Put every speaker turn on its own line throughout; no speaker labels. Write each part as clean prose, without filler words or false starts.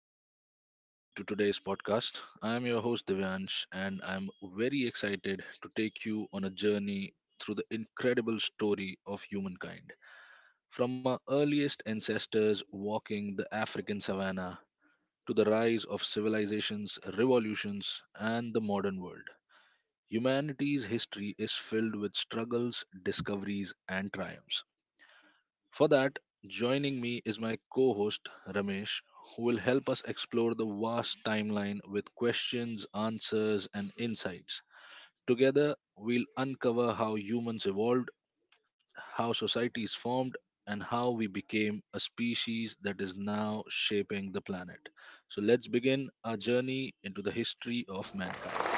hello and welcome to today's podcast. I am your host Divyansh, and I'm very excited to take you on a journey through the incredible story of humankind. From our earliest ancestors walking the African savannah to the rise of civilizations, revolutions, and the modern world, humanity's history is filled with struggles, discoveries, and triumphs. For that, joining me is my co host Ramesh, who will help us explore the vast timeline with questions, answers, and insights. Together, we'll uncover how humans evolved, how societies formed, and how we became a species that is now shaping the planet. So, let's begin our journey into the history of mankind.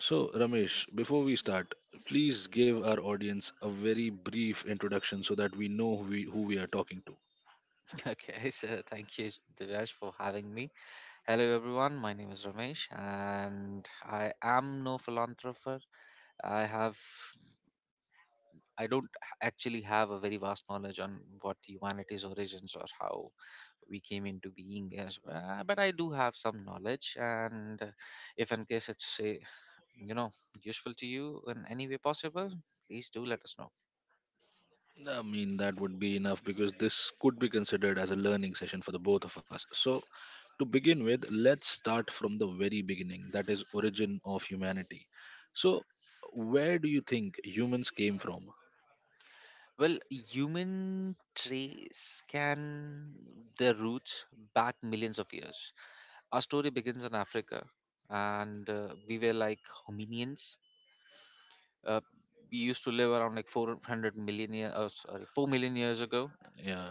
So, Ramesh, before we start, please give our audience a very brief introduction so that we know who we are talking to.
Okay, so thank you, Divyash, for having me. Hello, everyone. My name is Ramesh, and I am no philanthropist. I have, I don't actually have a very vast knowledge on what humanity's origins or how we came into being is, but I do have some knowledge. And if in case it's, you know, useful to you in any way possible, please do let us know.
I mean, that would be enough because this could be considered as a learning session for the both of us. So, to begin with, let's start from the very beginning, that is, origin of humanity. So, where do you think humans came from?
Well, human trace can their roots back millions of years. Our story begins in Africa, and we were like hominians. Uh, we used to live around like 400 million years, oh, sorry, 4 million years ago.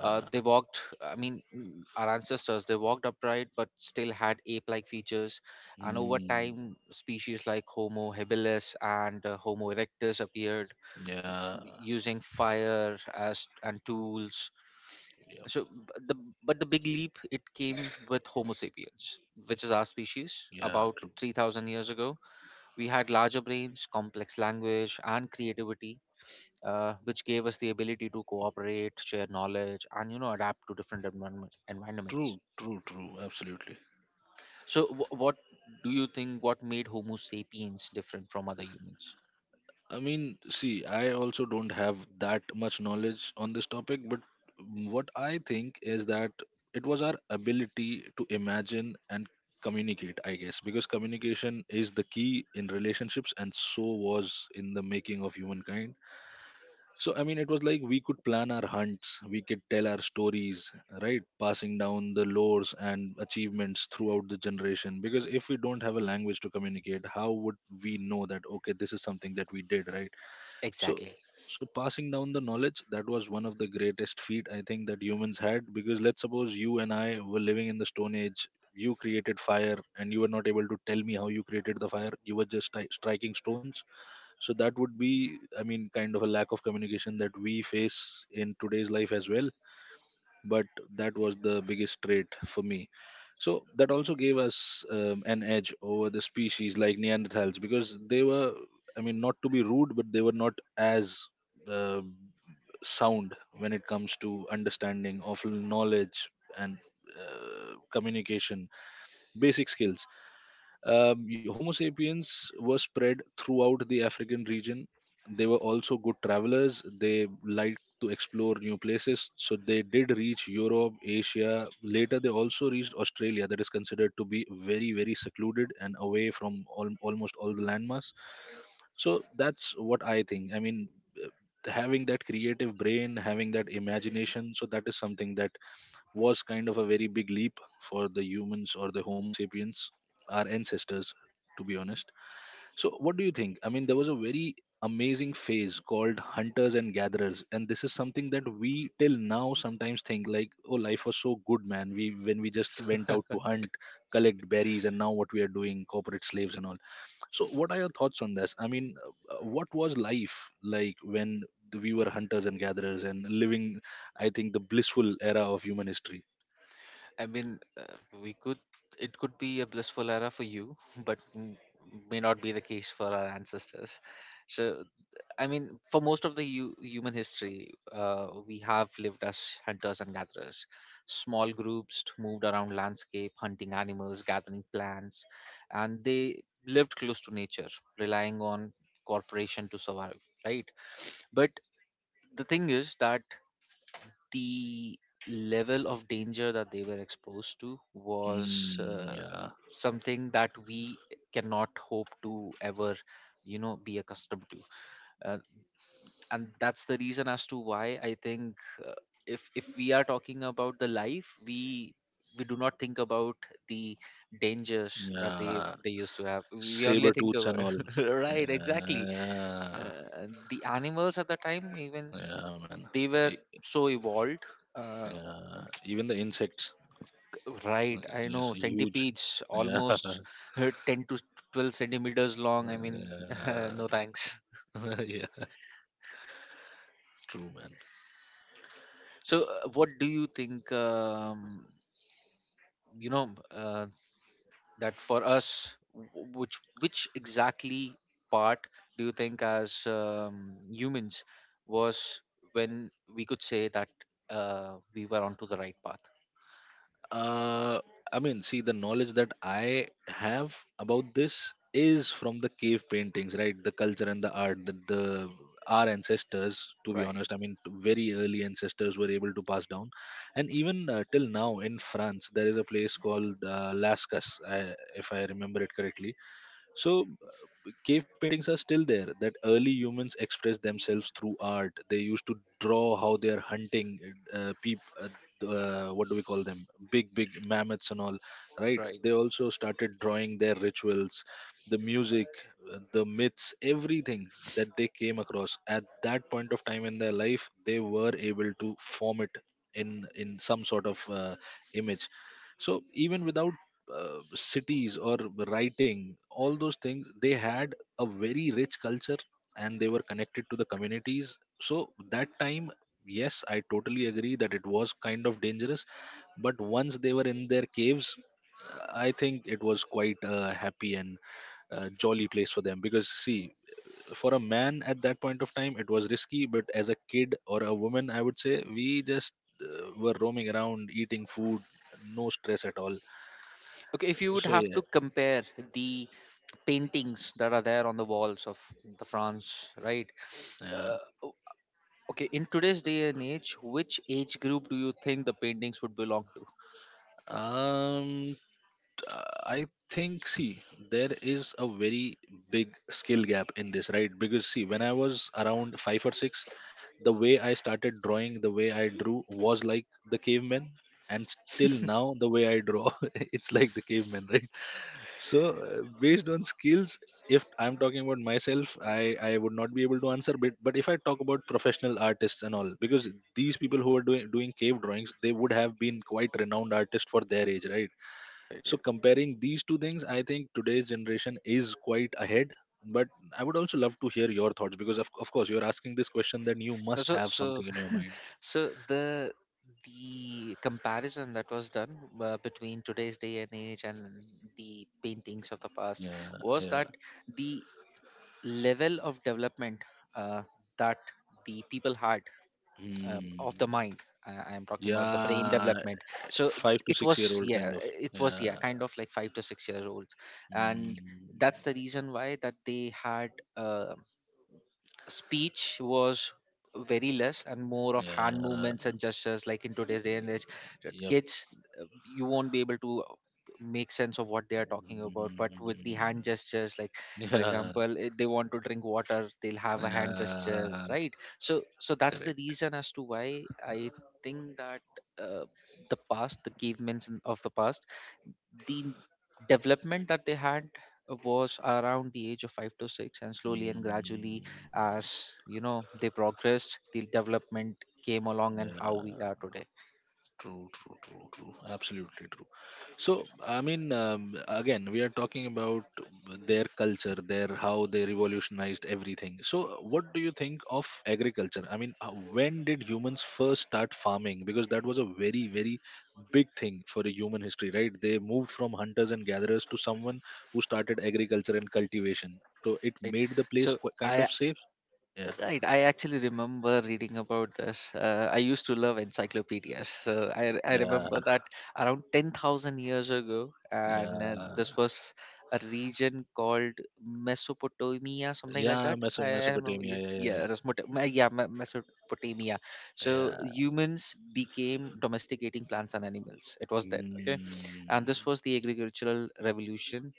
They walked, I mean, our ancestors, they walked upright but still had ape like features. And over
Mm,
time, species like Homo habilis and Homo erectus appeared,
yeah.
using fire as and tools.
Yeah.
So b- the but the big leap, it came with Homo sapiens, which is our species,
Yeah.
about
True.
3000 years ago. We had larger brains, complex language and creativity, which gave us the ability to cooperate, share knowledge and adapt to different
True.
environments.
True. True. Absolutely.
So what do you think, what made Homo sapiens different from other humans?
I mean, see, I also don't have that much knowledge on this topic, but what I think is that it was our ability to imagine and communicate, I guess, because communication is the key in relationships and so was in the making of humankind. So, I mean, it was like we could plan our hunts, we could tell our stories, right? Passing down the lores and achievements throughout the generation. Because if we don't have a language to communicate, how would we know that, okay, this is something that we did, right? so
Exactly.
so passing down the knowledge, that was one of the greatest feat I think that humans had. Because let's suppose you and I were living in the stone age, you created fire and you were not able to tell me how you created the fire, you were just striking stones. So that would be, I mean, kind of a lack of communication that we face in today's life as well. But that was the biggest trait for me. So that also gave us an edge over the species like Neanderthals, because they were, I mean, not to be rude, but they were not as uh, sound when it comes to understanding of knowledge and communication, basic skills. Homo sapiens were spread throughout the African region. They were also good travelers. They liked to explore new places, so they did reach Europe, Asia. Later, they also reached Australia, that is considered to be very, very secluded and away from all, almost all the landmass. So that's what I think. I mean, having that creative brain, having that imagination, so that is something that was kind of a very big leap for the humans or the Homo sapiens, our ancestors, to be honest. So, what do you think? I mean, there was a very amazing phase called hunters and gatherers, and this is something that we till now sometimes think like, oh, life was so good, man, we, when we just went out to hunt, collect berries, and now what we are doing, corporate slaves and all. So what are your thoughts on this? I mean, what was life like when we were hunters and gatherers and living, I think, the blissful era of human history.
I mean, we could. It could be a blissful era for you, but may not be the case for our ancestors. So, I mean, for most of the human history, we have lived as hunters and gatherers. Small groups moved around landscape, hunting animals, gathering plants, and they lived close to nature, relying on corporation to survive. Right, but the thing is that the level of danger that they were exposed to was,
Mm, yeah,
something that we cannot hope to ever be accustomed to. uh, and that's the reason as to why I think, uh, if we are talking about the life, we do not think about the dangers that they
yeah.
they used to have. We only
Saber
think
tooths and
about
all.
right, exactly,
Yeah,
the animals at the time. Even
yeah, man.
they were
E-
so evolved. uh,
Yeah, even the insects.
Right, I
Yes,
know
huge.
centipedes
Yeah,
almost, 10 to 12 centimeters long. I mean, no thanks.
yeah, yeah. True, man.
So, what do you think? You know, uh, that for us, which exactly part do you think as, humans was when we could say that, we were onto the right path?
uh, I mean, see, the knowledge that I have about this is from the cave paintings, right? The culture and the art that the our ancestors, to be
Right,
honest, I mean, very early ancestors were able to pass down, and even till now in France, there is a place called Lascas, if I remember it correctly. So cave paintings are still there, that early humans expressed themselves through art. They used to draw how they are hunting, peep what do we call them, big mammoths and all, right?
right.
They also started drawing their rituals, the music, the myths, everything that they came across at that point of time in their life, they were able to form it in some sort of image. So even without cities or writing, all those things, they had a very rich culture, and they were connected to the communities. So that time, yes, I totally agree that it was kind of dangerous, but once they were in their caves, I think it was quite a happy and jolly place for them. Because see, for a man at that point of time it was risky, but as a kid or a woman, I would say we just were roaming around eating food, no stress at all.
Okay, if you
So
would
yeah,
have to compare the paintings that are there on the walls of the France, right?
yeah.
Uh, o- okay, in today's day and age, which age group do you think the paintings would belong to?
Um t- i think, see, there is a very big skill gap in this, right? Because see, when I was around 5 or 6, the way I started drawing, the way I drew, was like the caveman. And still now the way I draw it's like the caveman, right? So based on skills, if I'm talking about myself, I would not be able to answer. But if I talk about professional artists and all, because these people who are doing cave drawings, they would have been quite renowned artists for their age, right?
Eh,
So comparing these two things, I think today's generation is quite ahead. But I would also love to hear your thoughts because of course you're asking this question, then you
no,
must have something in your mind.
So the comparison that was done, between today's day and age and the paintings of the past,
Yeah,
was
yeah.
that the level of development, uh, that the people had, of the
Hmm.
mind, I am talking about the brain
Yeah,
development. So
five to
it
six
was,
year old kind
yeah,
of.
it was, yeah,
Yeah,
kind of like 5 to 6 years olds. And
mmm,
that's the reason why that they had, uh, speech was very less and more of
ya,
hand movements and gestures, like in today's day and age, that
yap.
kids, you won't be able to make sense of what they are talking about, but with the hand
Mmm.
gestures, like, for
Yeah,
example, if they want to drink water, they'll have a hand gesture,
yeah,
right? So that's the
correct.
reason as to why I think that, uh, the past, the cavemen of the past, the development that they had was around the age of 5 to 6, and slowly and gradually,
Mm,
as you know, they progressed, the development came along
yeah.
and how we are today,
True, true, true, true. Absolutely true. So, I mean, again, we are talking about their culture, their how they revolutionized everything. So, what do you think of agriculture? I mean, when did humans first start farming? Because that was a very, very big thing for a human history, right? They moved from hunters and gatherers to someone who started agriculture and cultivation. So, it
right?
made the place
so
kind
I
of safe. Yeah,
Right, I actually remember reading about this. I used to love encyclopedias, so I
yeah,
remember that around 10,000 years ago, and
yeah.
this was a region called Mesopotamia, something like that.
Yeah,
I, I remember,
Mesopotamia.
yeah,
Yeah, yeah,
yeah,
yeah.
Mesopotamia. So
Yeah.
humans became domesticating plants and animals. It was then, okay,
Mm,
and
mm,
this was the agricultural revolution,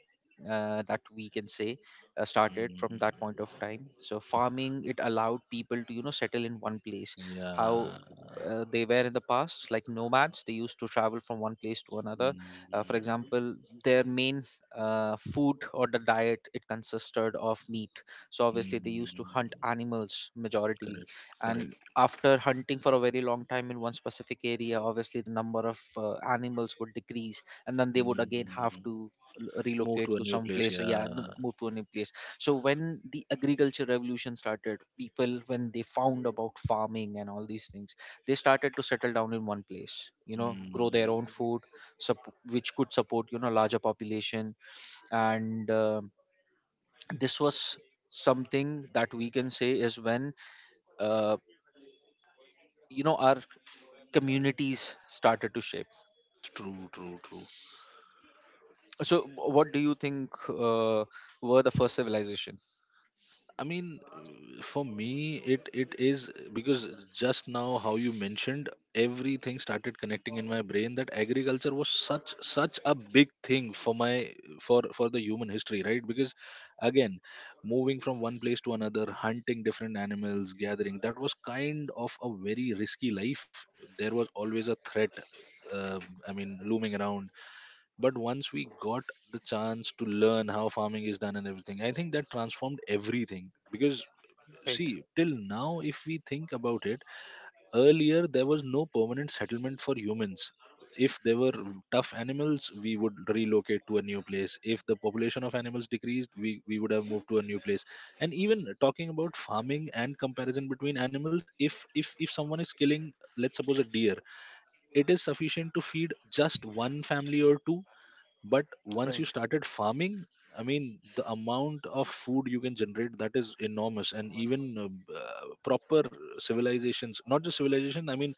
that we can say, started from that point of time. So farming, it allowed people to, settle in one place, how
yeah.
they were in the past, like nomads. They used to travel from one place to another, for
Mm,
example, their main, food or the diet, it consisted of meat. So obviously they used to
mm,
hunt animals majority,
correct.
and
Correct.
after hunting for a very long time in one specific area, obviously the number of, animals would decrease, and then they would again have
Mm.
to
Move
relocate
to a
to
new
some
place.
place,
Yeah.
move to a new place. So when the agriculture revolution started, people, when they found about farming and all these things, they started to settle down in one place, grow their own
Mm.
food, which could support, larger population, and this was something that we can say is when, uh, our communities started to shape.
True. True. True.
So what do you think, were the first civilization?
I mean, for me, it is. Because just now how you mentioned, everything started connecting in my brain that agriculture was such a big thing for my, for the human history, right? Because again, moving from one place to another, hunting different animals, gathering, that was kind of a very risky life. There was always a threat. Uh, I mean, looming around. But once we got the chance to learn how farming is done and everything, I think that transformed everything. Because
Right,
see, till now if we think about it, earlier there was no permanent settlement for humans. If there were tough animals, we would relocate to a new place. If the population of animals decreased, we would have moved to a new place. And even talking about farming and comparison between animals, if if someone is killing, let's suppose, a deer, it is sufficient to feed just one family or two. But once
right,
you started farming, I mean, the amount of food you can generate, that is enormous. And even proper civilizations, not just civilization, I mean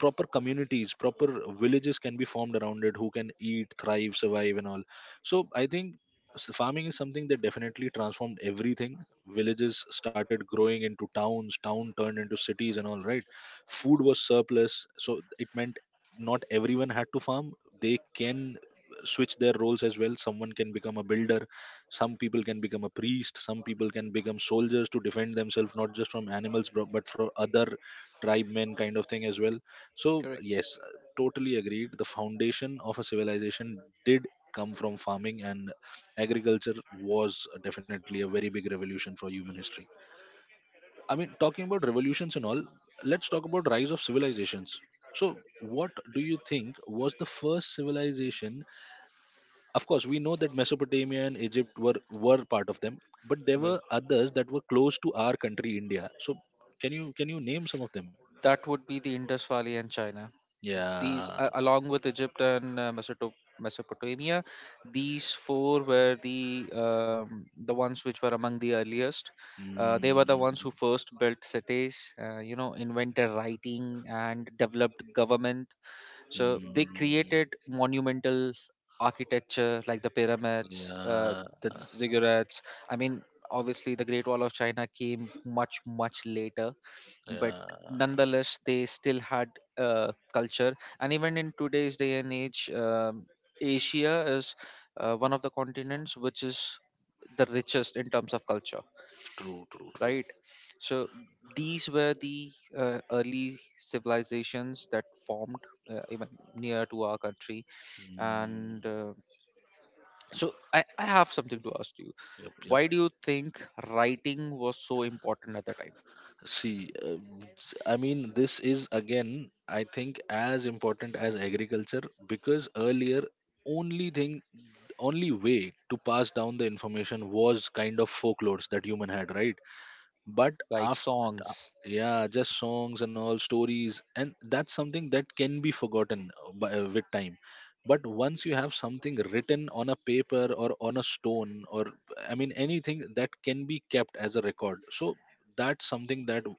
proper communities, proper villages, can be formed around it, who can eat, thrive, survive and all. So I think, so farming is something that definitely transformed everything. Villages started growing into towns, town turned into cities and all, right? Food was surplus, so it meant not everyone had to farm. They can switch their roles as well. Someone can become a builder, some people can become a priest, some people can become soldiers to defend themselves, not just from animals, but for other tribe men kind of thing as well. So
correct.
yes, totally agreed. The foundation of a civilization did come from farming, and agriculture was definitely a very big revolution for human history. I mean, talking about revolutions and all, let's talk about rise of civilizations. So what do you think was the first civilization? Of course we know that Mesopotamia and Egypt were part of them, but there
Right.
were others that were close to our country India. So can you name some of them?
That would be the Indus Valley and China. These,
Yeah.
a Along with Egypt and, Mesopotamia, these four were the ones which were among the earliest. They were the ones
Mm,
who first built cities, invented writing and developed government. So they
mm,
created monumental architecture like the pyramids,
yeah.
the ziggurats. I mean, obviously, the Great Wall of China came much, much later, but
Yeah.
nonetheless, they still had, culture. And even in today's day and age, Asia is, one of the continents which is the richest in terms of culture,
True, true, true.
right? So these were the, early civilizations that formed, even near to our country. And,
Mm.
so I have something to ask you.
Yep, yep.
Why do you think writing was so important at the time?
See, I mean, this is again, I think, as important as agriculture. Because earlier, only thing, only way to pass down the information was kind of folklores that human had, right? But
Right,
after,
songs.
yeah, just songs and all stories, and that's something that can be forgotten with time. But once you have something written on a paper or on a stone or I mean anything that can be kept as a record, so that's something that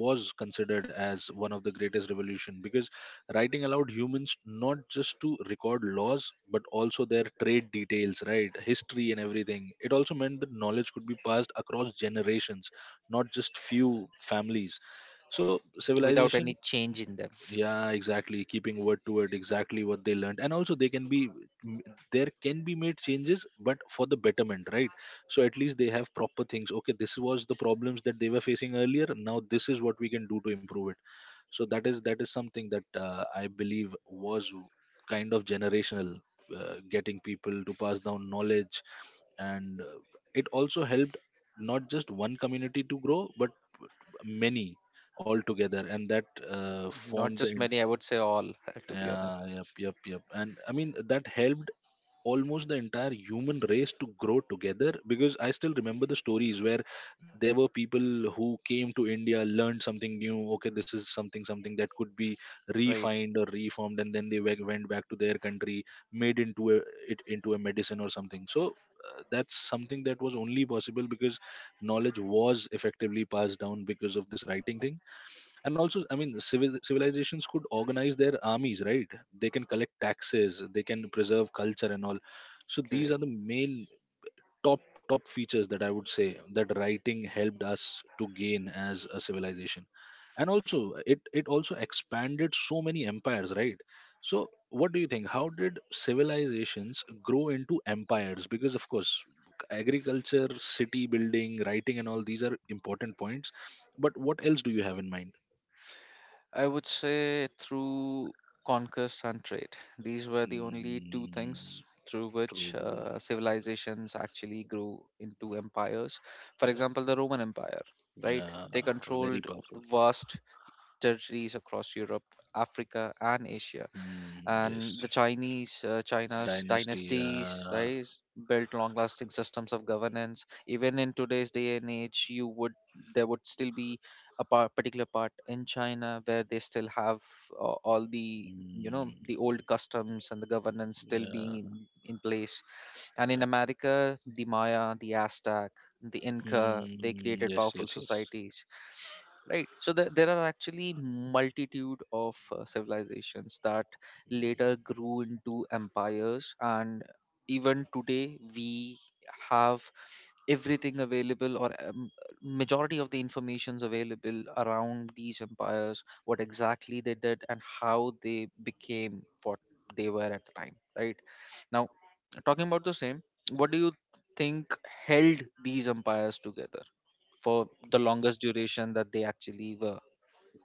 was considered as one of the greatest revolution because writing allowed humans not just to record laws but also their trade details, right, history and everything. It also meant that knowledge could be passed across generations, not just few families. So
Without
civilization,
any change in them.
yeah, exactly, keeping word to word exactly what they learned. And also they can be m- there can be made changes but for the betterment, right? So at least they have proper things. Okay, this was the problems that they were facing earlier, now this is what we can do to improve it. So that is something that I believe was kind of generational, getting people to pass down knowledge. And it also helped not just one community to grow but many, all together, and that
Not
formed the
just many, I would say all, to be
yeah,
honest.
yep, yep, yep. And I mean, that helped almost the entire human race to grow together because I still remember the stories where there were people who came to India, learned something new. Okay, this is something that could be
Right,
refined or reformed, and then they went back to their country, made into a, it into a medicine or something. So that's something that was only possible because knowledge was effectively passed down because of this writing thing. And also I mean civilizations could organize their armies, right? They can collect taxes, they can preserve culture and all. So these
correct.
are the main top features that I would say that writing helped us to gain as a civilization. And also it also expanded so many empires, right? So what do you think, how did civilizations grow into empires? Because of course agriculture, city building, writing and all these are important points, but what else do you have in mind?
I would say through conquest and trade. These were the only two things
Mm,
through which,
true.
civilizations actually grew into empires. For
Yeah.
example, the Roman Empire, right?
Yeah.
They
Very
controlled
powerful.
vast territories across Europe, Africa, and Asia,
Mm,
and
yes.
the chinese China's
Dynasty.
dynasties,
Yeah.
right? Built long lasting systems of governance. Even in today's day and age, you would, there would still be particular part in China where they still have, all the, the old
Mm,
customs and the governance still being
yeah.
in place. And in
Yep.
America, the Maya, the Aztec, the Inca, they
Mm,
created
yes.
powerful
Yes. Yes.
societies, right? So there are actually multitude of, civilizations that later grew into empires. And even today, we have everything available, or, majority of the informations available around these empires, what exactly they did and how they became what they were at the time, right? Now, talking about the same, what do you think held these empires together for the longest duration that they actually were?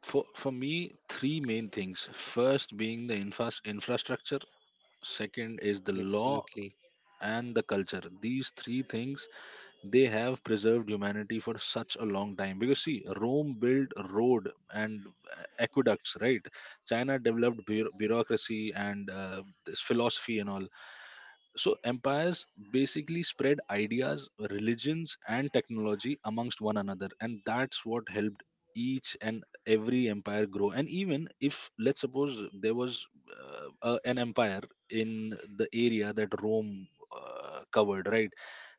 For me, three main things. First being the infrastructure. Second is the law
Absolutely.
and the culture. These three things, they have preserved humanity for such a long time because, see, Rome built road and aqueducts, right? China developed bureaucracy and this philosophy and all. So empires basically spread ideas, religions and technology amongst one another, and that's what helped each and every empire grow. And even if, let's suppose, there was a, an empire in the area that Rome covered, right?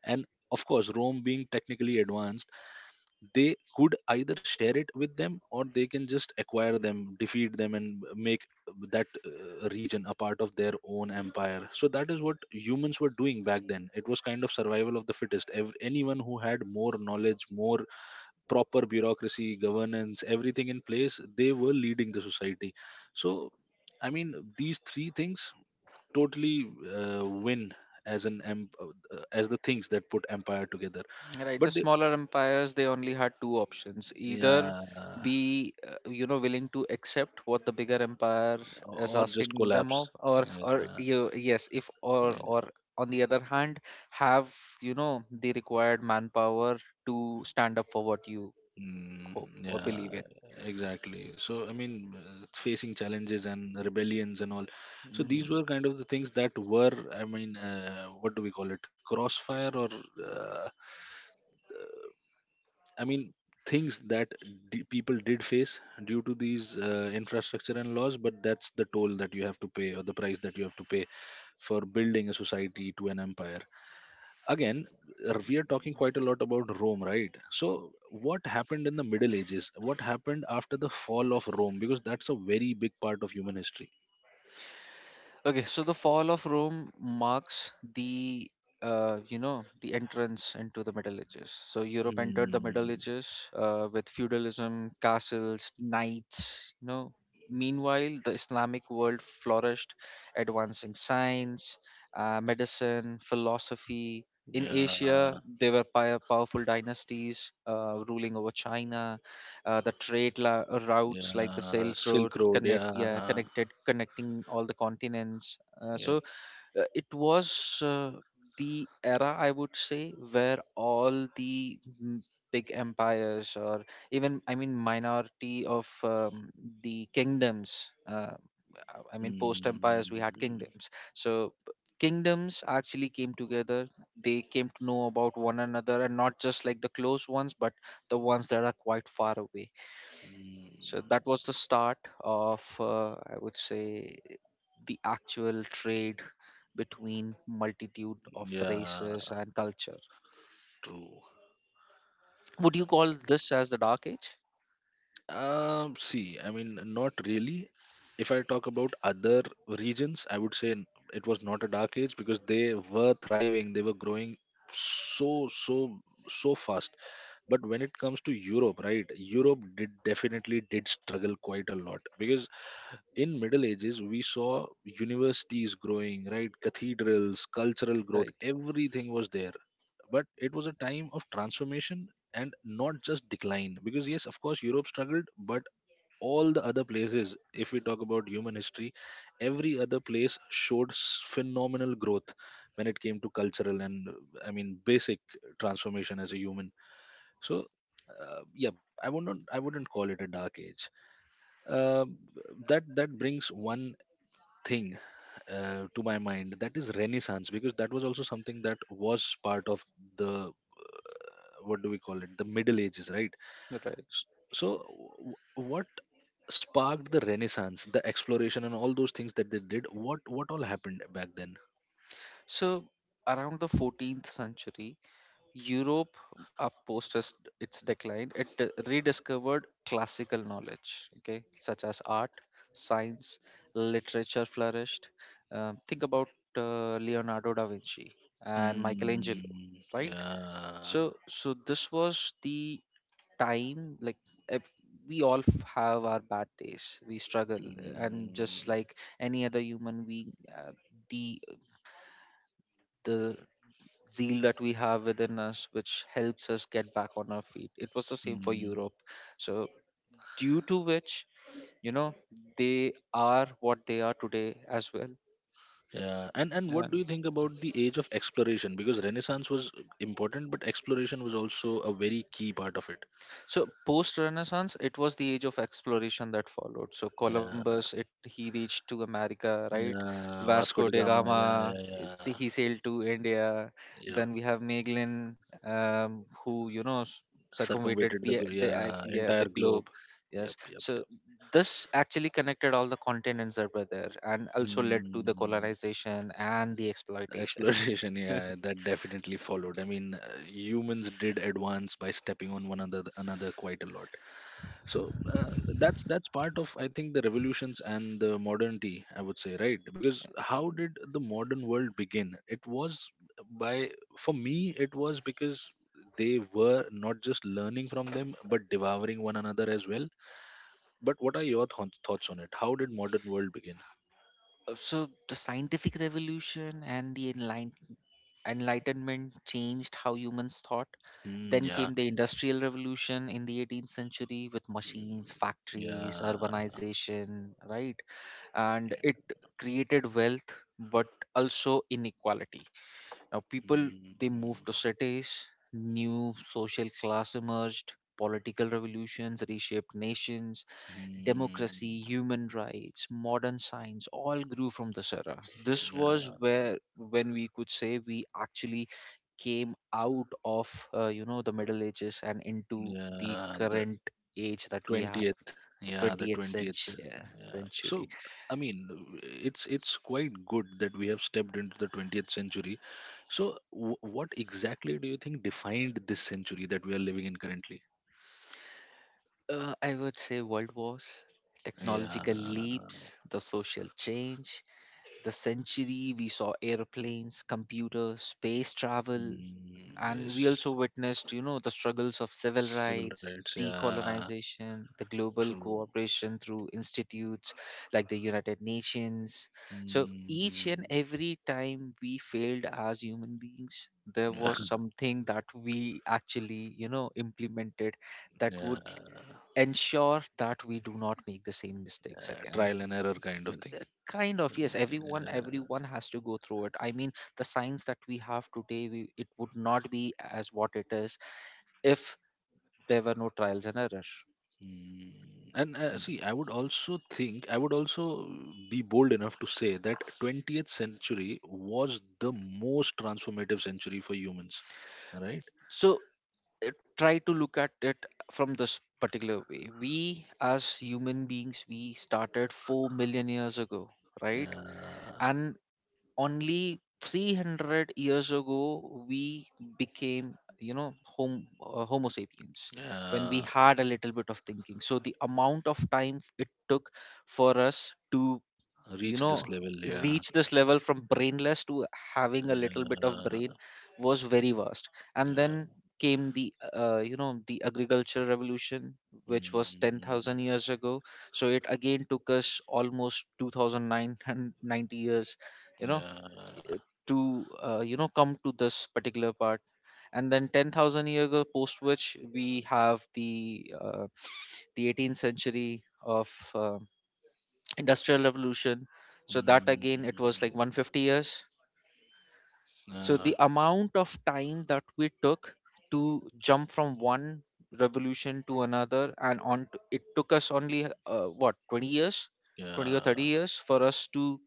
And of course Rome being technically advanced, they could either share it with them or they can just acquire them, defeat them, and make that region a part of their own empire. So that is what humans were doing back then. It was kind of survival of the fittest. Anyone who had more knowledge, more proper bureaucracy, governance, everything in place, they were leading the society. So, I mean, these three things totally win as an as the things that put empire together.
Right. The
But they,
smaller empires, they only had two options, either
yeah,
be, willing to accept what the bigger empire is
or just
asking them of,
collapse.
or,
Yeah,
you, yes, if,
yeah.
or on the other hand, have, the required manpower to stand up for what you hope
Mm,
or believe
yeah,
in.
exactly. So, I mean, facing challenges and rebellions and all. So,
Hmm.
these were kind of the things that were, I mean, what do we call it? Crossfire or uh, I mean, things that people did face due to these infrastructure and laws, but that's the toll that you have to pay or the price that you have to pay for building a society to an empire. Again, we are talking quite a lot about Rome, right? So, what happened in the Middle Ages? What happened after the fall of Rome? Because that's a very big part of human history.
Okay, so the fall of Rome marks the you know the entrance into the Middle Ages. So Europe entered the Middle
Hmm.
Ages, with feudalism, castles, knights. Meanwhile, the Islamic world flourished, advancing science, medicine, philosophy. In Asia,
Yeah.
there were powerful dynasties, ruling over China, the trade routes like the
Yeah.
Silk Road,
Silk Road.
connect, yeah,
Yeah.
connected connecting all the continents. Uh,
Yeah.
so uh, it was, the era, I would say, where all the big empires, or even, I mean, minority of, the kingdoms. I mean, post
Mm,
empires, we had
mm,
kingdoms. So kingdoms actually came together, they came to know about one another, and not just like the close ones, but the ones that are quite far away. So that was the start of, I would say, the actual trade between multitude of
yeah,
races and culture.
true.
Would you call this as the dark age?
See, I mean, not really. If I talk about other regions, I would say it was not a dark age because they were thriving, they were growing so, so, so fast. But when it comes to Europe, right, Europe did definitely did struggle quite a lot because in middle ages we saw universities growing, right, cathedrals, cultural growth,
Right,
everything was there. But it was a time of transformation and not just decline, because yes of course Europe struggled, but all the other places, if we talk about human history, every other place showed phenomenal growth when it came to cultural and I mean basic transformation as a human. So yeah, I wouldn't call it a dark age. Um, that brings one thing to my mind, that is Renaissance, because that was also something that was part of the what do we call it, the Middle Ages, right?
right.
S- so what sparked the Renaissance, the exploration and all those things that they did, what all happened back then?
So around the 14th century, Europe, post its decline, it rediscovered classical knowledge, okay, such as art, science, literature flourished. Think about, Leonardo da Vinci and Michelangelo,
Hmm,
right?
yeah.
So, this was the time, like, if we all have our bad days, we struggle, and just
Hmm,
like any other human being, the the zeal that we have within us, which helps us get back on our feet, it was the same for
hmm.
Europe. So due to which, you know they are what they are today as well.
Yeah, and what do
And
you think about the age of exploration? Because Renaissance was important, but exploration was also a very key part of it.
So post Renaissance, it was the age of exploration that followed. So
Yeah,
Columbus, it he reached to America, right?
yeah, Vasco
Vasco
da
da
Gama, yeah,
Gama,
yeah,
see,
yeah,
he sailed to India.
yeah,
Then we have Magellan, who you know s- circumvented
circumvented the
the the uh,
yeah,
yeah the
entire globe.
globe.
Yep,
Yes.
yep,
So
yep.
this actually connected all the continents that were there, and also led to the
Hmm.
colonization and the exploitation.
Exploration, yeah, that definitely followed. I mean, humans did advance by stepping on one another, another quite a lot. So that's part of I think the revolutions and the modernity, I would say, right? Because how did the modern world begin? It was by, for me, it was because they were not just learning from them, but devouring one another as well. But what are your thoughts on it? How did modern world begin?
So the scientific revolution and the Enlightenment changed how humans thought.
Hmm,
Then
yeah.
came the Industrial Revolution in the 18th century with machines,
Hmm,
factories,
yeah.
urbanization, right? And it created wealth but also inequality. Now, people
Mm,
they moved to cities, new social class emerged, political revolutions reshaped nations, democracy,
mm,
human rights, modern science all grew from this era. This was
yeah,
where when we could say we actually came out of the middle ages and into the
yeah, the
current age that we have,
20th.
the
Yeah, the
20th
20th.
century
Yeah. So,
century
I mean, it's quite good that we have stepped into the 20th century. So, w what exactly do you think defined this century that we are living in currently?
I would say world wars,
Yeah.
technological leaps, the social change. The century we saw airplanes, computers, space travel,
Mm,
and we also
yes.
witnessed the struggles of civil
Civil
rights,
rights. Yeah.
decolonization, the global
True.
cooperation through institutes like the United Nations. So each
Mm,
and every time we failed as human beings, there
yeah.
was something that we actually implemented that
Yeah.
would ensure that we do not make the same mistakes again.
Trial and error kind of
uh,
thing.
Kind of, yes. everyone
Uh,
everyone has to go through it. I mean, the science that we have today, we, it would not be as what it is if there were no trials and error
mm, and
you know.
see, I would also think, I would also be bold enough to say that 20th century was the most transformative century for humans, right?
So try to look at it from this particular way. We as human beings, we started 4 million years ago, right?
Uh,
And only 300 years ago we became you know home homo sapiens, when we
uh,
had a little bit of thinking. So the amount of time it took for us to you
reach this
know
level, yeah.
reach this level, from brainless to having a little bit of
Uh,
brain, was very vast. And then
yeah.
came the the agricultural revolution, which was 10,000
Mm,
years ago. So it again took us almost 2,990 years, you know
yeah.
to come to this particular part. And then 10,000 years ago, post which we have the 18th century of uh, industrial revolution. So that
Mm.
again, it was like 150 years. So
Uh,
the amount of time that we took to jump from one revolution to another and on to, it took us only what, 20 years, 20 or 30
yeah.
years, for us to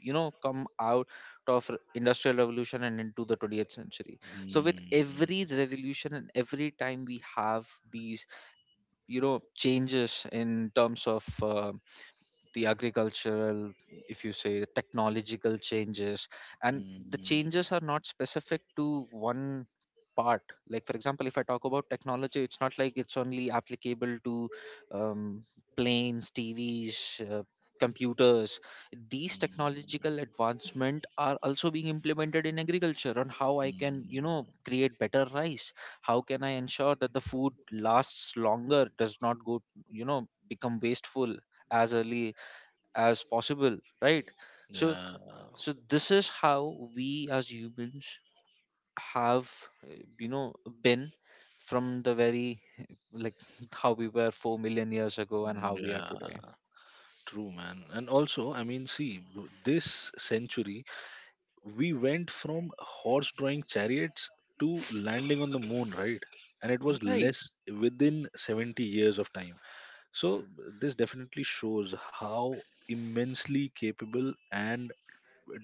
come out of industrial revolution and into the 20th century. So with
Mm.
every revolution and every time we have these changes in terms of the agricultural, if you say, the technological changes, and the
Mm.
changes are not specific to one part. Like, for example, if I talk about technology, it's not like it's only applicable to um, planes, TVs. Computers. These
Mm,
technological
mm,
advancement are also being implemented in agriculture, on how I can create better rice. How can I ensure that the food lasts longer, does not go, become wasteful as early as possible, right? so
yeah. Mm,
so this is how we as humans have uh, you know been, from the very like, how we were 4 million years ago and how we are today,
yeah, true, man. And also, I mean, see, this century, we went from horse drawing chariots to landing on the moon, right? And it was
right?
less within 70 years of time. So this definitely shows how immensely capable and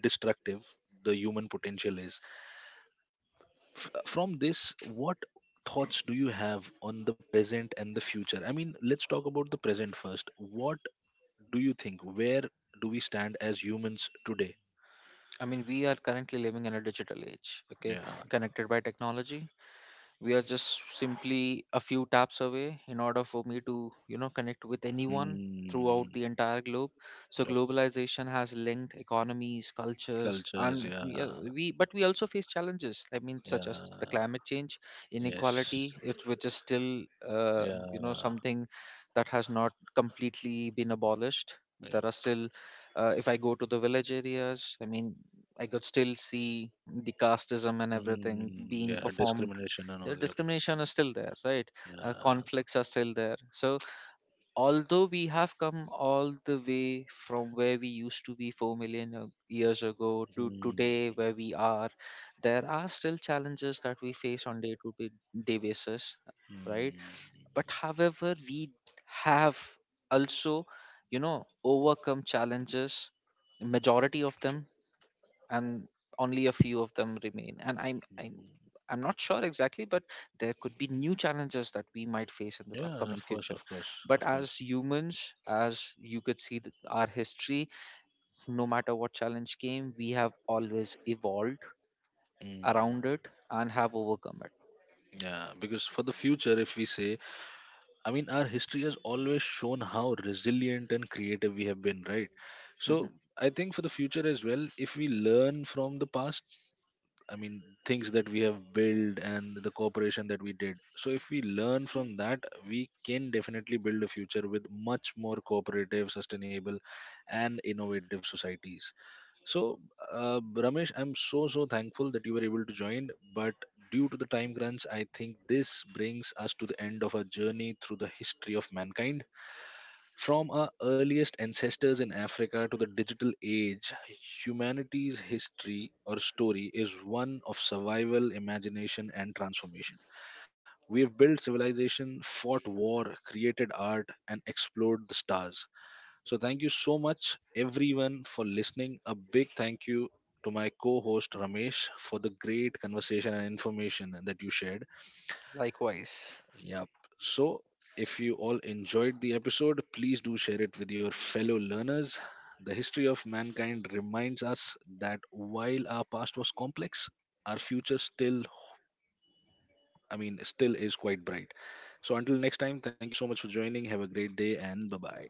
destructive the human potential is. From this, what thoughts do you have on the present and the future? I mean, let's talk about the present first. What do you think? Where do we stand as humans today?
I mean, we are currently living in a digital age, okay?
Yeah.
Connected by technology, we are just simply a few taps away in order for me to connect with anyone throughout the
Hmm.
entire globe. So
Yep.
globalization has linked economies, cultures,
Cultures.
and
Yeah.
we also face challenges. I mean, such as the
Yeah.
climate change,
Yes.
inequality. It, which is still
Yeah.
something that has not completely been abolished. There
Yep.
are still, if I go to the village areas, I mean, I could still see the casteism and everything
Mm,
being
yeah,
performed.
discrimination and all. Yep.
Discrimination is still there, right?
Yeah.
Conflicts are still there. So although we have come all the way from where we used to be 4 million years ago to
Mm,
today where we are, there are still challenges that we face on day to day basis, right?
mm.
But however, we have also you know overcome challenges, majority of them, and only a few of them remain. And I'm not sure exactly, but there could be new challenges that we might face in the
Yeah,
upcoming
of course,
future.
of course,
But
of
as
course.
humans, as you could see, our history, no matter what challenge came, we have always evolved
Mm.
around it and have overcome it.
Yeah, because for the future, if we say, I mean, our history has always shown how resilient and creative we have been, right?
Mhm.
So I think for the future as well, if we learn from the past, I mean, things that we have built and the cooperation that we did. So if we learn from that, we can definitely build a future with much more cooperative, sustainable, and innovative societies. So, Ramesh, I'm so thankful that you were able to join. But due to the time crunch, I think this brings us to the end of our journey through the history of mankind. From our earliest ancestors in Africa to the digital age, humanity's history or story is one of survival, imagination, and transformation. We have built civilization, fought war, created art, and explored the stars. So, thank you so much, everyone, for listening. A big thank you to my co host Ramesh for the great conversation and information that you shared.
Likewise.
Yep. So, if you all enjoyed the episode, please do share it with your fellow learners. The history of mankind reminds us that while our past was complex, our future still, I mean, still is quite bright. So, until next time, thank you so much for joining. Have a great day and bye bye.